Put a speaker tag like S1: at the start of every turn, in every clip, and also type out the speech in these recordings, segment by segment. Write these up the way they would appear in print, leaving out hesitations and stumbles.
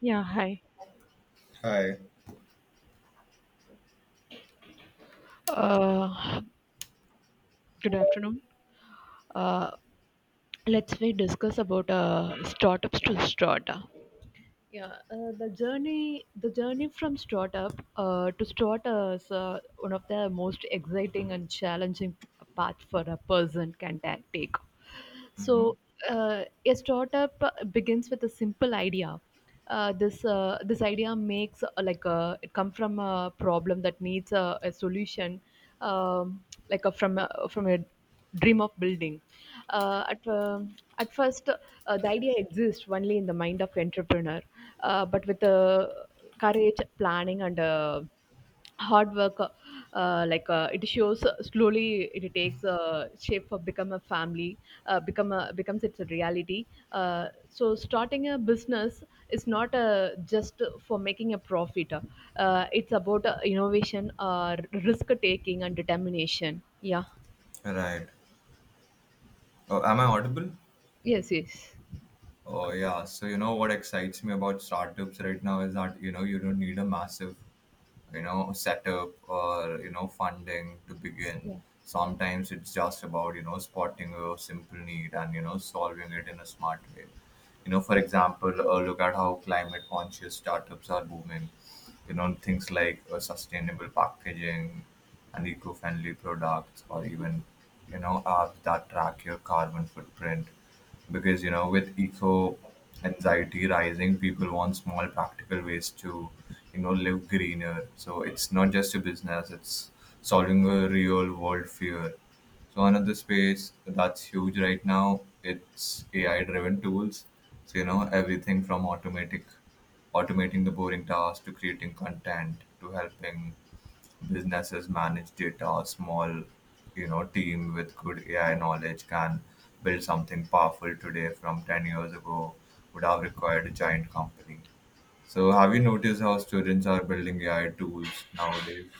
S1: Yeah, hi.
S2: Hi.
S1: Uh, good afternoon. Uh, let's we discuss about startups to startup. Yeah, the journey from startup to startup is one of the most exciting and challenging path for a person can take.
S2: Mm-hmm.
S1: So a startup begins with a simple idea. This idea makes it come from a problem that needs a solution, um, from a dream of building. At first, the idea exists only in the mind of entrepreneur, but with courage, planning, and hard work it shows, slowly it takes shape for become a family becomes its a reality. So starting a business is not just for making a profit, it's about innovation, risk taking and determination. Yeah,
S2: Right. Oh, am I audible?
S1: yes, yes.
S2: Oh, yeah. So, you know what excites me about startups right now is that, you don't need a massive setup or funding to begin.
S1: Yeah,
S2: Sometimes it's just about spotting a simple need and solving it in a smart way. For example, look at how climate conscious startups are booming. Things like sustainable packaging and eco-friendly products, or even apps that track your carbon footprint. Because with eco anxiety rising, people want small, practical ways to live greener, so it's not just a business, it's solving a real world fear. So another space that's huge right now, it's AI driven tools. So everything from automatic automating the boring tasks, to creating content, to helping businesses manage data. A small, team with good AI knowledge can build something powerful today from 10 years ago would have required a giant company. So have you noticed how students are building AI tools nowadays?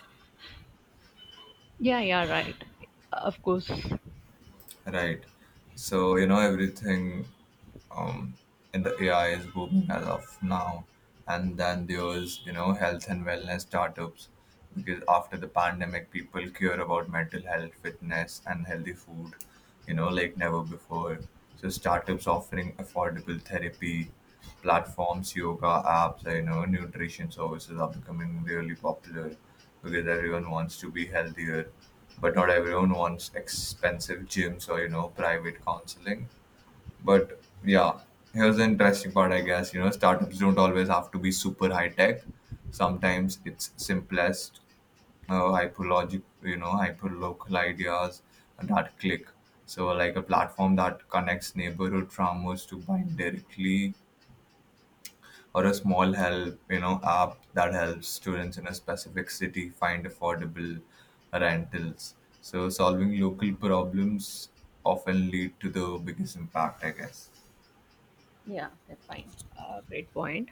S1: yeah, yeah. Right, of course.
S2: Right. So, everything um, in the AI is booming as of now. And then there's health and wellness startups, because after the pandemic, people care about mental health, fitness, and healthy food, like never before. So startups offering affordable therapy platforms, yoga apps, nutrition services are becoming really popular, because everyone wants to be healthier, but not everyone wants expensive gyms or private counseling. But yeah, here's the interesting part, I guess. Startups don't always have to be super high tech. Sometimes it's simplest, hyperlogic, hyperlocal ideas that click. So, like a platform that connects neighborhood farmers to buying directly, or a small help, app that helps students in a specific city find affordable rentals. So, solving local problems often lead to the biggest impact, I guess.
S1: Yeah, okay, fine. Great point.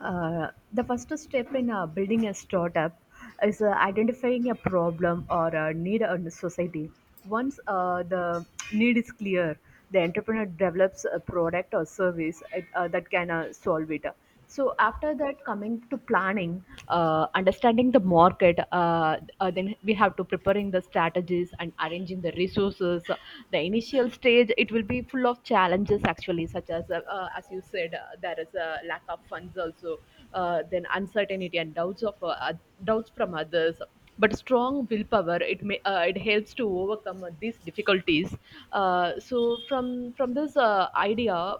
S1: The first step in building a startup is identifying a problem or a need in the society. Once the need is clear, the entrepreneur develops a product or service that can solve it. So after that, coming to planning, understanding the market, then we have to preparing the strategies and arranging the resources. The initial stage it will be full of challenges actually, such as you said, there is a lack of funds also, then uncertainty and doubts of doubts from others. But strong willpower it may, it helps to overcome these difficulties. So from this uh, idea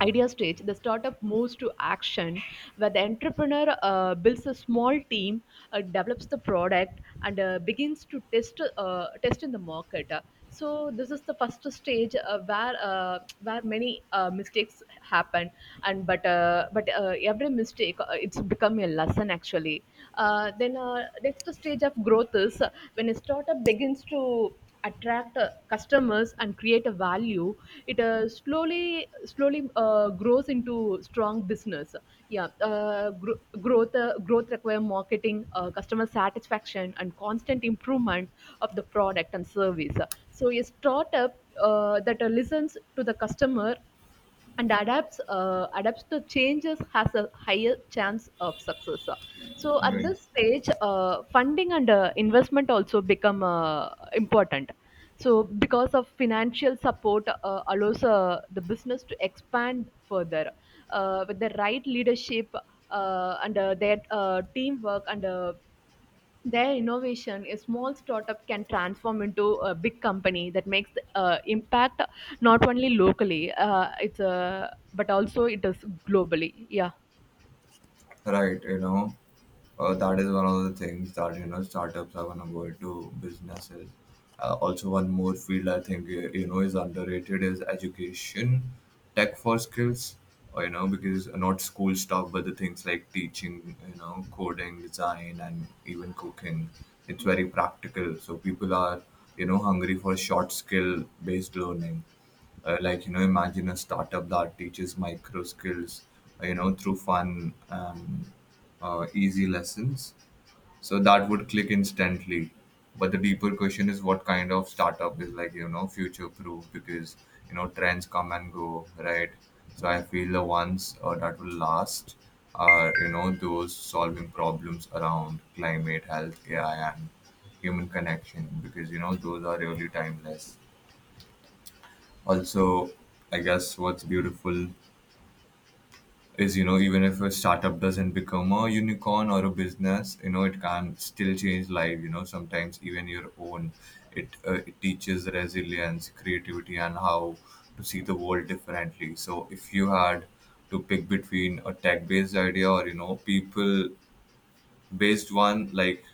S1: idea stage, the startup moves to action where the entrepreneur builds a small team, develops the product, and begins to test in the market. So this is the first stage where many mistakes happen, and but every mistake it's become a lesson actually. Then next stage of growth is when a startup begins to attract customers and create a value. It slowly grows into strong business. Growth require marketing, customer satisfaction and constant improvement of the product and service. So a startup that listens to the customer and adapts to changes has a higher chance of success. So at
S2: Right.
S1: this stage funding and investment also become important, so because of financial support allows the business to expand further with the right leadership, and their teamwork and their innovation, a small startup can transform into a big company that makes impact not only locally, it's but also it is globally. Yeah,
S2: Right, that is one of the things, that startups are gonna go into businesses. Also, one more field I think is underrated is education, tech for skills. Or, because not school stuff, but the things like teaching, coding, design, and even cooking. It's
S1: yeah,
S2: very practical. So people are hungry for short, skill based learning, like imagine a startup that teaches micro skills through fun, easy lessons, so that would click instantly. But the deeper question is, what kind of startup is, like, future proof because trends come and go, right? So I feel the ones that will last are those solving problems around climate, health, AI, and human connection, because those are really timeless. Also, I guess what's beautiful is, even if a startup doesn't become a unicorn or a business, it can still change life, sometimes even your own. It teaches resilience, creativity, and how to see the world differently. So if you had to pick between a tech based idea or, people based one like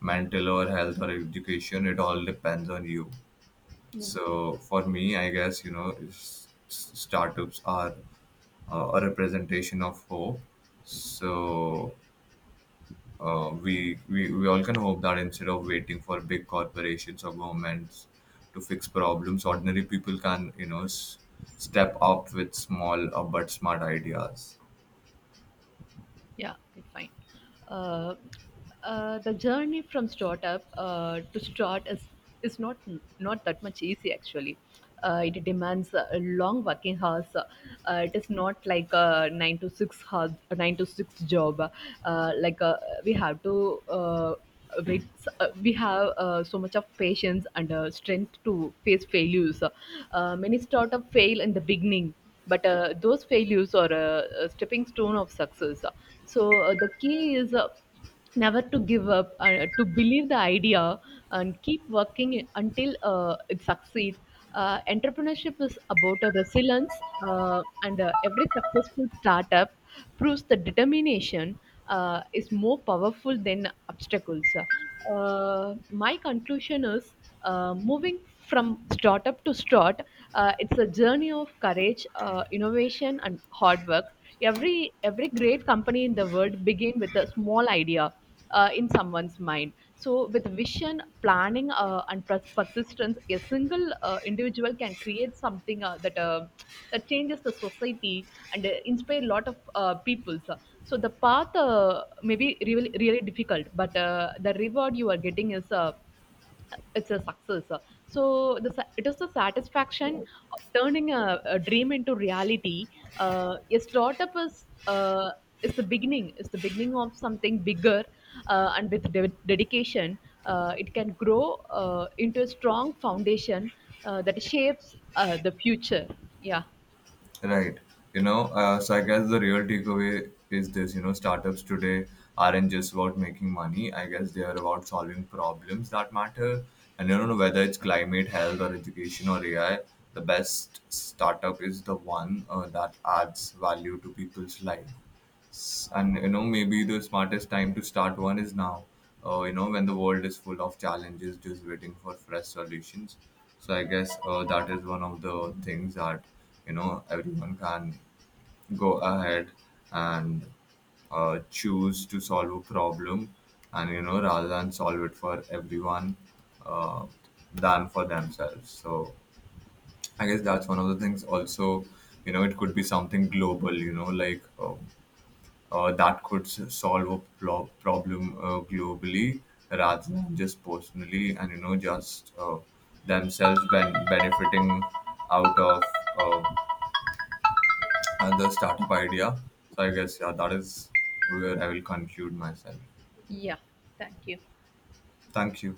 S2: mental or health or education, it all depends on you.
S1: yeah.
S2: So for me, I guess, startups are a representation of hope. So we all can hope that, instead of waiting for big corporations or governments to fix problems, ordinary people can step up with small, but smart ideas.
S1: Yeah, okay, fine. Uh, the journey from startup to start is is not that much easy actually. It demands long working hours. It is not like a 9 to 6 job. Uh, like uh, we have to. With we have so much of patience and strength to face failures. Many startup fail in the beginning, but those failures are a stepping stone of success. So the key is never to give up, to believe the idea and keep working until it succeed. Entrepreneurship is about a resilience, and every successful startup proves the determination is more powerful than obstacles. My conclusion is moving from startup to start, it's a journey of courage, innovation, and hard work. Every great company in the world begin with a small idea in someone's mind. So, with vision, planning, and persistence, a single individual can create something that changes the society and inspire a lot of people. So the path may be really really difficult, but the reward you are getting is it's a success. It is the satisfaction of turning a dream into reality. A startup is the beginning. Is the beginning of something bigger, and with dedication, it can grow into a strong foundation that shapes the future. Yeah.
S2: Right. So I guess the real takeaway is this: startups today aren't just about making money. I guess they are about solving problems that matter. And whether it's climate, health, or education, or AI, the best startup is the one that adds value to people's life. And maybe the smartest time to start one is now, when the world is full of challenges, just waiting for fresh solutions. So I guess that is one of the things, that everyone can go ahead and choose to solve a problem, and rather than solve it for everyone, uh, than for themselves. So I guess that's one of the things also. It could be something global, like that could solve a problem globally, rather than just personally, and just themselves benefiting out of uh, another startup idea. So I guess, yeah, that is where I will conclude myself.
S1: Yeah, thank you.
S2: Thank you.